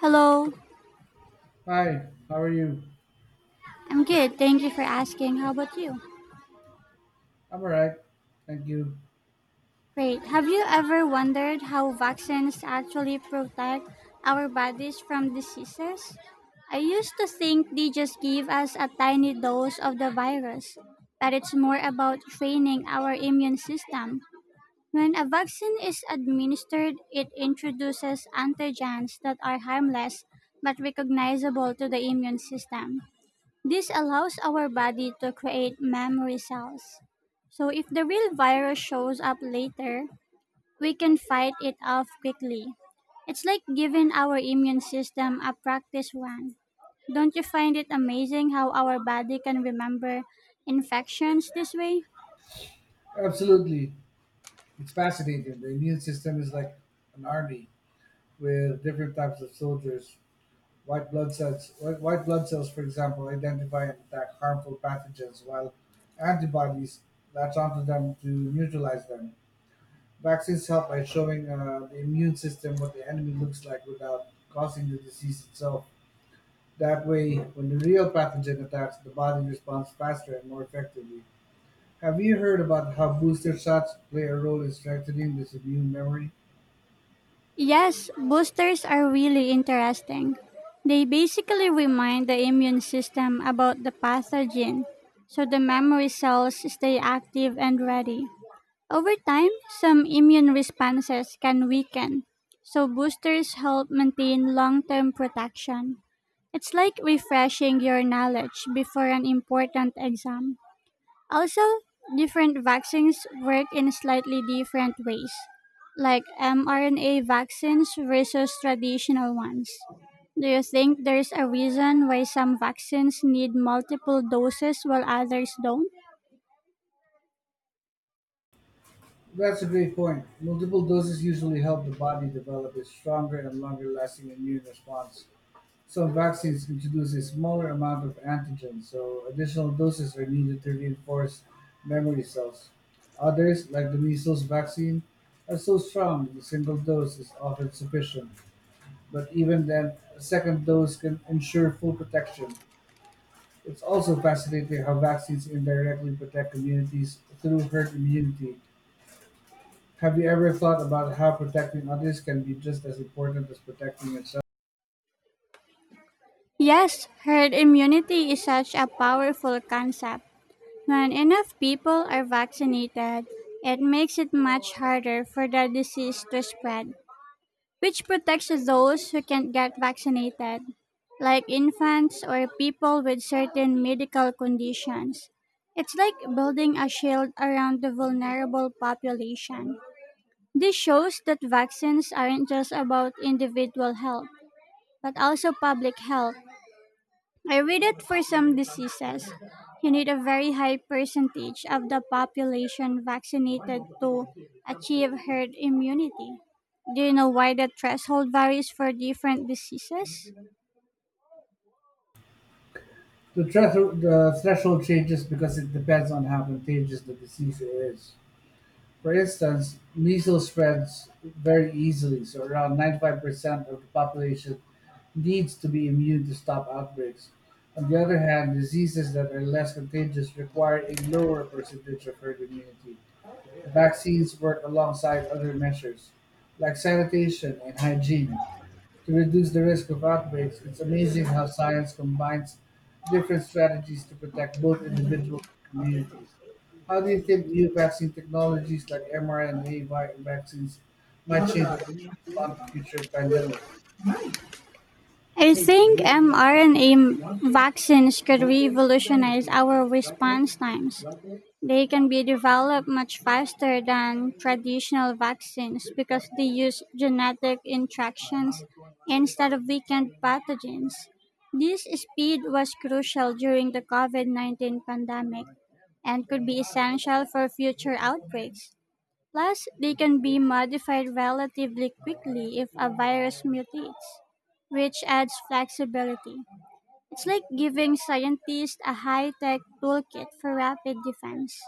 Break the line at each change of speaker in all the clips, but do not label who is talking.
Hello,
Hi, how are you?
I'm good. Thank you for asking. How about you?
I'm all right. Thank you.
Great. Have you ever wondered how vaccines actually protect our bodies from diseases? I used to think they just give us a tiny dose of the virus, but it's more about training our immune system. When a vaccine is administered, it introduces antigens that are harmless but recognizable to the immune system. This allows our body to create memory cells. So if the real virus shows up later, we can fight it off quickly. It's like giving our immune system a practice run. Don't you find it amazing how our body can remember infections this way?
Absolutely. It's fascinating. The immune system is like an army with different types of soldiers. White blood cells, white blood cells, for example, identify and attack harmful pathogens, while antibodies latch onto them to neutralize them. Vaccines help by showing the immune system what the enemy looks like without causing the disease itself. That way, when the real pathogen attacks, the body responds faster and more effectively. Have you heard about how booster shots play a role in strengthening this immune memory?
Yes, boosters are really interesting. They basically remind the immune system about the pathogen, so the memory cells stay active and ready. Over time, some immune responses can weaken, so boosters help maintain long term protection. It's like refreshing your knowledge before an important exam. Also, different vaccines work in slightly different ways, like mRNA vaccines versus traditional ones. Do you think there's a reason why some vaccines need multiple doses while others don't?
That's a great point. Multiple doses usually help the body develop a stronger and longer lasting immune response. Some vaccines introduce a smaller amount of antigen, so additional doses are needed to reinforce memory cells. Others, like the measles vaccine, are so strong that a single dose is often sufficient. But even then, a second dose can ensure full protection. It's also fascinating how vaccines indirectly protect communities through herd immunity. Have you ever thought about how protecting others can be just as important as protecting yourself?
Yes, herd immunity is such a powerful concept. When enough people are vaccinated, it makes it much harder for the disease to spread, which protects those who can't get vaccinated, like infants or people with certain medical conditions. It's like building a shield around the vulnerable population. This shows that vaccines aren't just about individual health, but also public health. I read it for some diseases. You need a very high percentage of the population vaccinated to achieve herd immunity. Do you know why the threshold varies for different diseases?
The threshold changes because it depends on how contagious the disease is. For instance, measles spreads very easily, so around 95% of the population needs to be immune to stop outbreaks. On the other hand, diseases that are less contagious require a lower percentage of herd immunity. Vaccines work alongside other measures, like sanitation and hygiene, to reduce the risk of outbreaks. It's amazing how science combines different strategies to protect both individuals and communities. How do you think new vaccine technologies like vaccines might change the way we respond to future pandemics?
I think mRNA vaccines could revolutionize our response times. They can be developed much faster than traditional vaccines because they use genetic interactions instead of weakened pathogens. This speed was crucial during the COVID -19 pandemic and could be essential for future outbreaks. Plus, they can be modified relatively quickly if a virus mutates, which adds flexibility. It's like giving scientists a high tech toolkit for rapid defense.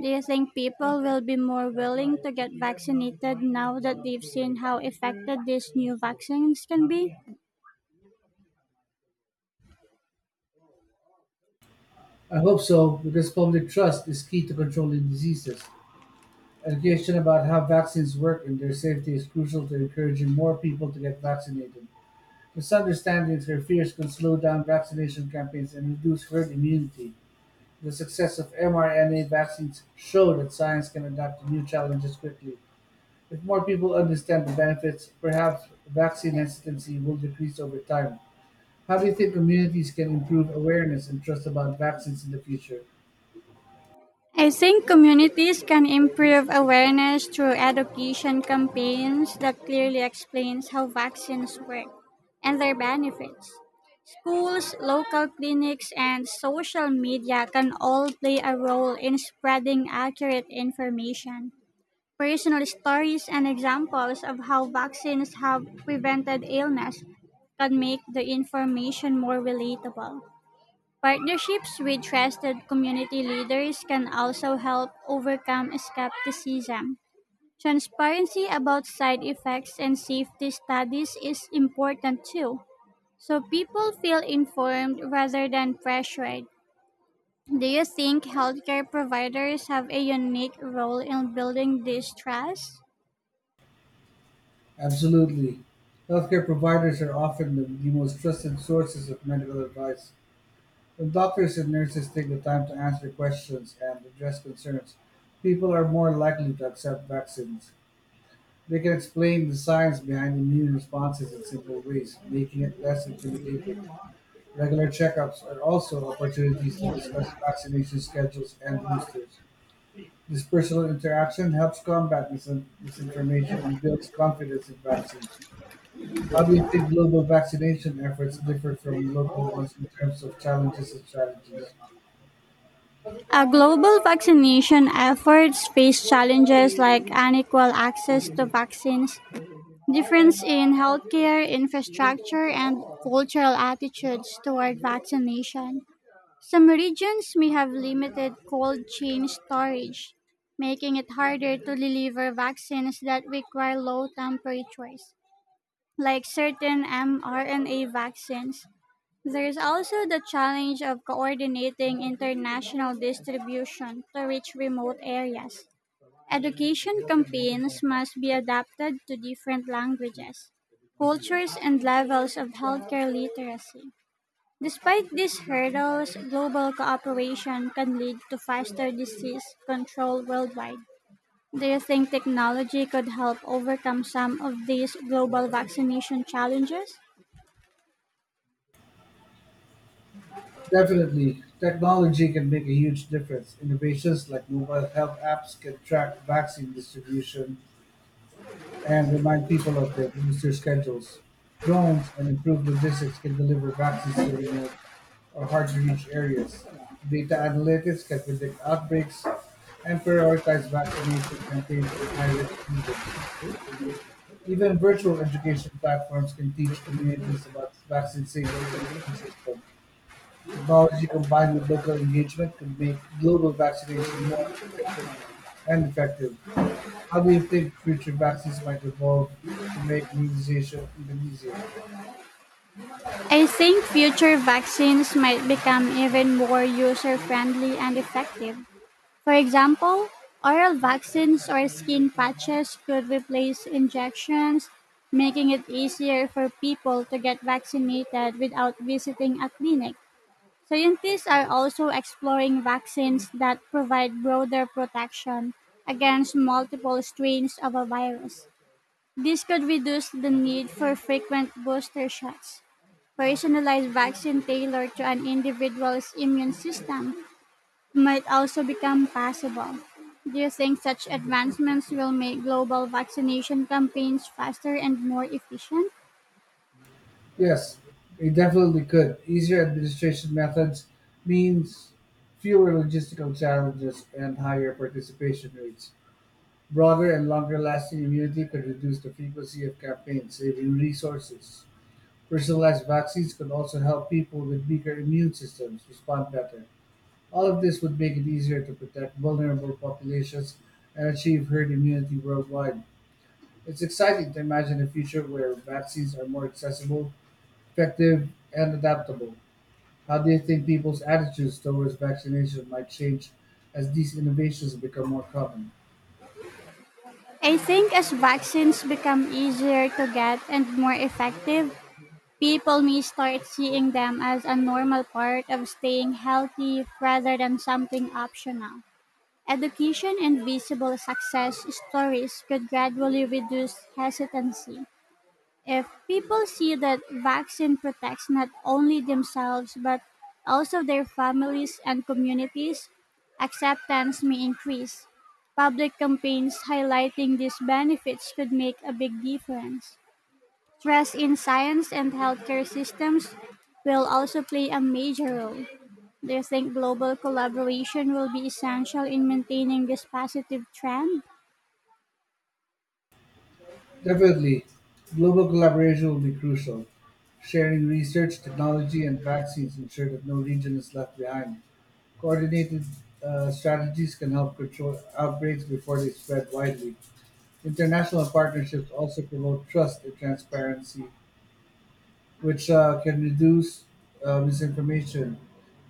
Do you think people will be more willing to get vaccinated now that they've seen how effective these new vaccines can be?
I hope so, because public trust is key to controlling diseases. Education about how vaccines work and their safety is crucial to encouraging more people to get vaccinated. Misunderstandings or fears could slow down vaccination campaigns and reduce herd immunity. The success of mRNA vaccines show that science can adapt to new challenges quickly. If more people understand the benefits, perhaps vaccine hesitancy will decrease over time. How do you think communities can improve awareness and trust about vaccines in the future?
I think communities can improve awareness through education campaigns that clearly explains how vaccines work and their benefits. Schools, local clinics, and social media can all play a role in spreading accurate information. Personal stories and examples of how vaccines have prevented illness can make the information more relatable. Partnerships with trusted community leaders can also help overcome skepticism. Transparency about side effects and safety studies is important too, so people feel informed rather than pressured. Do you think healthcare providers have a unique role in building this trust?
Absolutely. Healthcare providers are often the most trusted sources of medical advice. When doctors and nurses take the time to answer questions and address concerns, people are more likely to accept vaccines. They can explain the science behind immune responses in simple ways, making it less intimidating. Regular checkups are also opportunities to discuss vaccination schedules and boosters. This personal interaction helps combat misinformation and builds confidence in vaccines. How do you think global vaccination efforts differ from local ones in terms of challenges and strategies?
A global vaccination efforts face challenges like unequal access to vaccines, difference in healthcare infrastructure, and cultural attitudes toward vaccination. Some regions may have limited cold chain storage, making it harder to deliver vaccines that require low temperatures, like certain mRNA vaccines. There's also the challenge of coordinating international distribution to reach remote areas. Education campaigns must be adapted to different languages, cultures, and levels of healthcare literacy. Despite these hurdles, global cooperation can lead to faster disease control worldwide. Do you think technology could help overcome some of these global vaccination challenges?
Definitely, technology can make a huge difference. Innovations like mobile health apps can track vaccine distribution and remind people of their booster schedules. Drones and improved logistics can deliver vaccines to remote or hard to reach areas. Data analytics can predict outbreaks and prioritize vaccination campaigns in high risk regions. Even virtual education platforms can teach communities about vaccine safety and immune systems. Technology combined with local engagement could make global vaccination more efficient and effective. How do you think future vaccines might evolve to make immunization even easier?
I think future vaccines might become even more user friendly and effective. For example, oral vaccines or skin patches could replace injections, making it easier for people to get vaccinated without visiting a clinic. Scientists are also exploring vaccines that provide broader protection against multiple strains of a virus. This could reduce the need for frequent booster shots. Personalized vaccine tailored to an individual's immune system might also become possible. Do you think such advancements will make global vaccination campaigns faster and more efficient?
Yes, it definitely could. Easier administration methods means fewer logistical challenges and higher participation rates. Broader and longer lasting immunity could reduce the frequency of campaigns, saving resources. Personalized vaccines could also help people with weaker immune systems respond better. All of this would make it easier to protect vulnerable populations and achieve herd immunity worldwide. It's exciting to imagine a future where vaccines are more accessible, effective, and adaptable. How do you think people's attitudes towards vaccination might change as these innovations become more common?
I think as vaccines become easier to get and more effective, people may start seeing them as a normal part of staying healthy rather than something optional. Education and visible success stories could gradually reduce hesitancy. If people see that vaccine protects not only themselves but also their families and communities, acceptance may increase. Public campaigns highlighting these benefits could make a big difference. Trust in science and healthcare systems will also play a major role. Do you think global collaboration will be essential in maintaining this positive trend?
Definitely, global collaboration will be crucial. Sharing research, technology, and vaccines ensure that no region is left behind. Coordinated strategies can help control outbreaks before they spread widely. International partnerships also promote trust and transparency, which can reduce misinformation.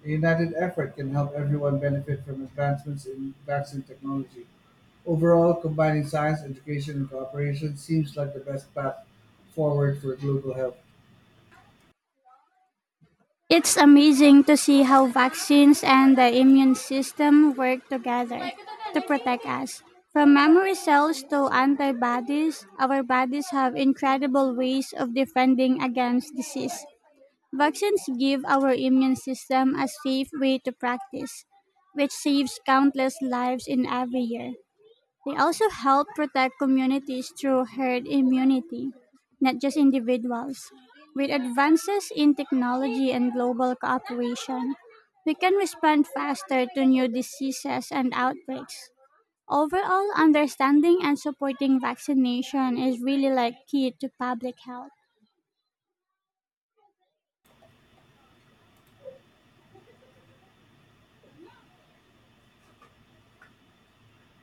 A united effort can help everyone benefit from advancements in vaccine technology. Overall, combining science, education, and cooperation seems like the best path forward for global health.
It's amazing to see how vaccines and the immune system work together to protect us. From memory cells to antibodies, our bodies have incredible ways of defending against disease. Vaccines give our immune system a safe way to practice, which saves countless lives in every year. They also help protect communities through herd immunity, not just individuals. With advances in technology and global cooperation, we can respond faster to new diseases and outbreaks. Overall, understanding and supporting vaccination is really like key to public health.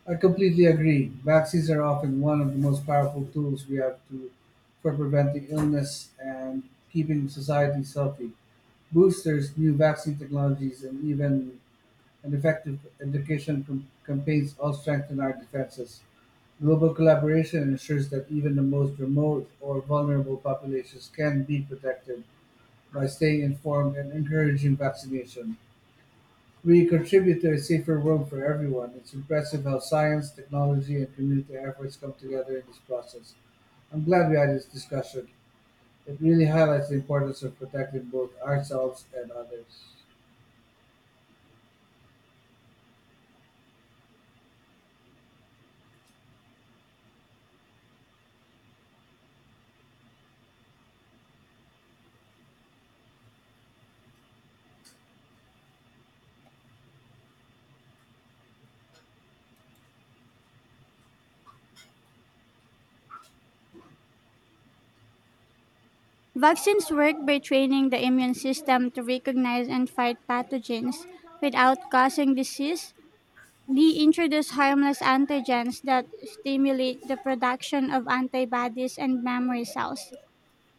I completely agree. Vaccines are often one of the most powerful tools we have to for preventing illness and keeping societies healthy. Boosters, new vaccine technologies, and even an effective campaigns all strengthen our defenses. Global collaboration ensures that even the most remote or vulnerable populations can be protected by staying informed and encouraging vaccination. We contribute to a safer world for everyone. It's impressive how science, technology, and community efforts come together in this process. I'm glad we had this discussion. It really highlights the importance of protecting both ourselves and others.
Vaccines work by training the immune system to recognize and fight pathogens without causing disease. They introduce harmless antigens that stimulate the production of antibodies and memory cells,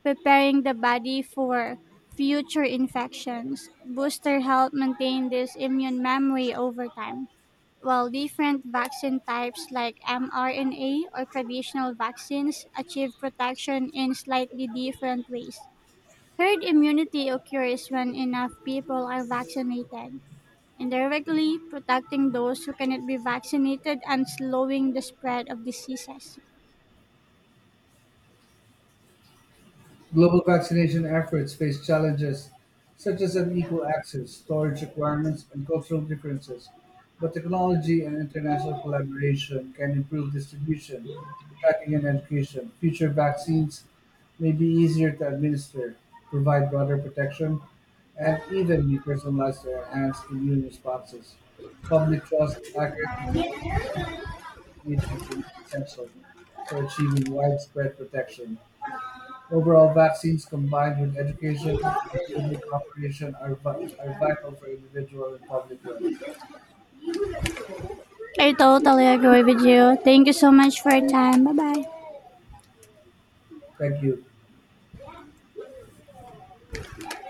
preparing the body for future infections. Booster help maintain this immune memory over time, while different vaccine types like mRNA or traditional vaccines achieve protection in slightly different ways. Herd immunity occurs when enough people are vaccinated indirectly protecting those who cannot be vaccinated and slowing the spread of diseases.
Global vaccination efforts face challenges such as unequal access, storage requirements, and cultural differences, but technology and international collaboration can improve distribution, tracking, and education. Future vaccines may be easier to administer, provide broader protection, and even be personalized to enhance immune responses. Public trust, accurate information, and engagement remain essential for achieving widespread protection. Overall, vaccines combined with education and global cooperation are vital for individual and public health.
I totally agree with you. Thank you so much for your time. Bye bye.
Thank you.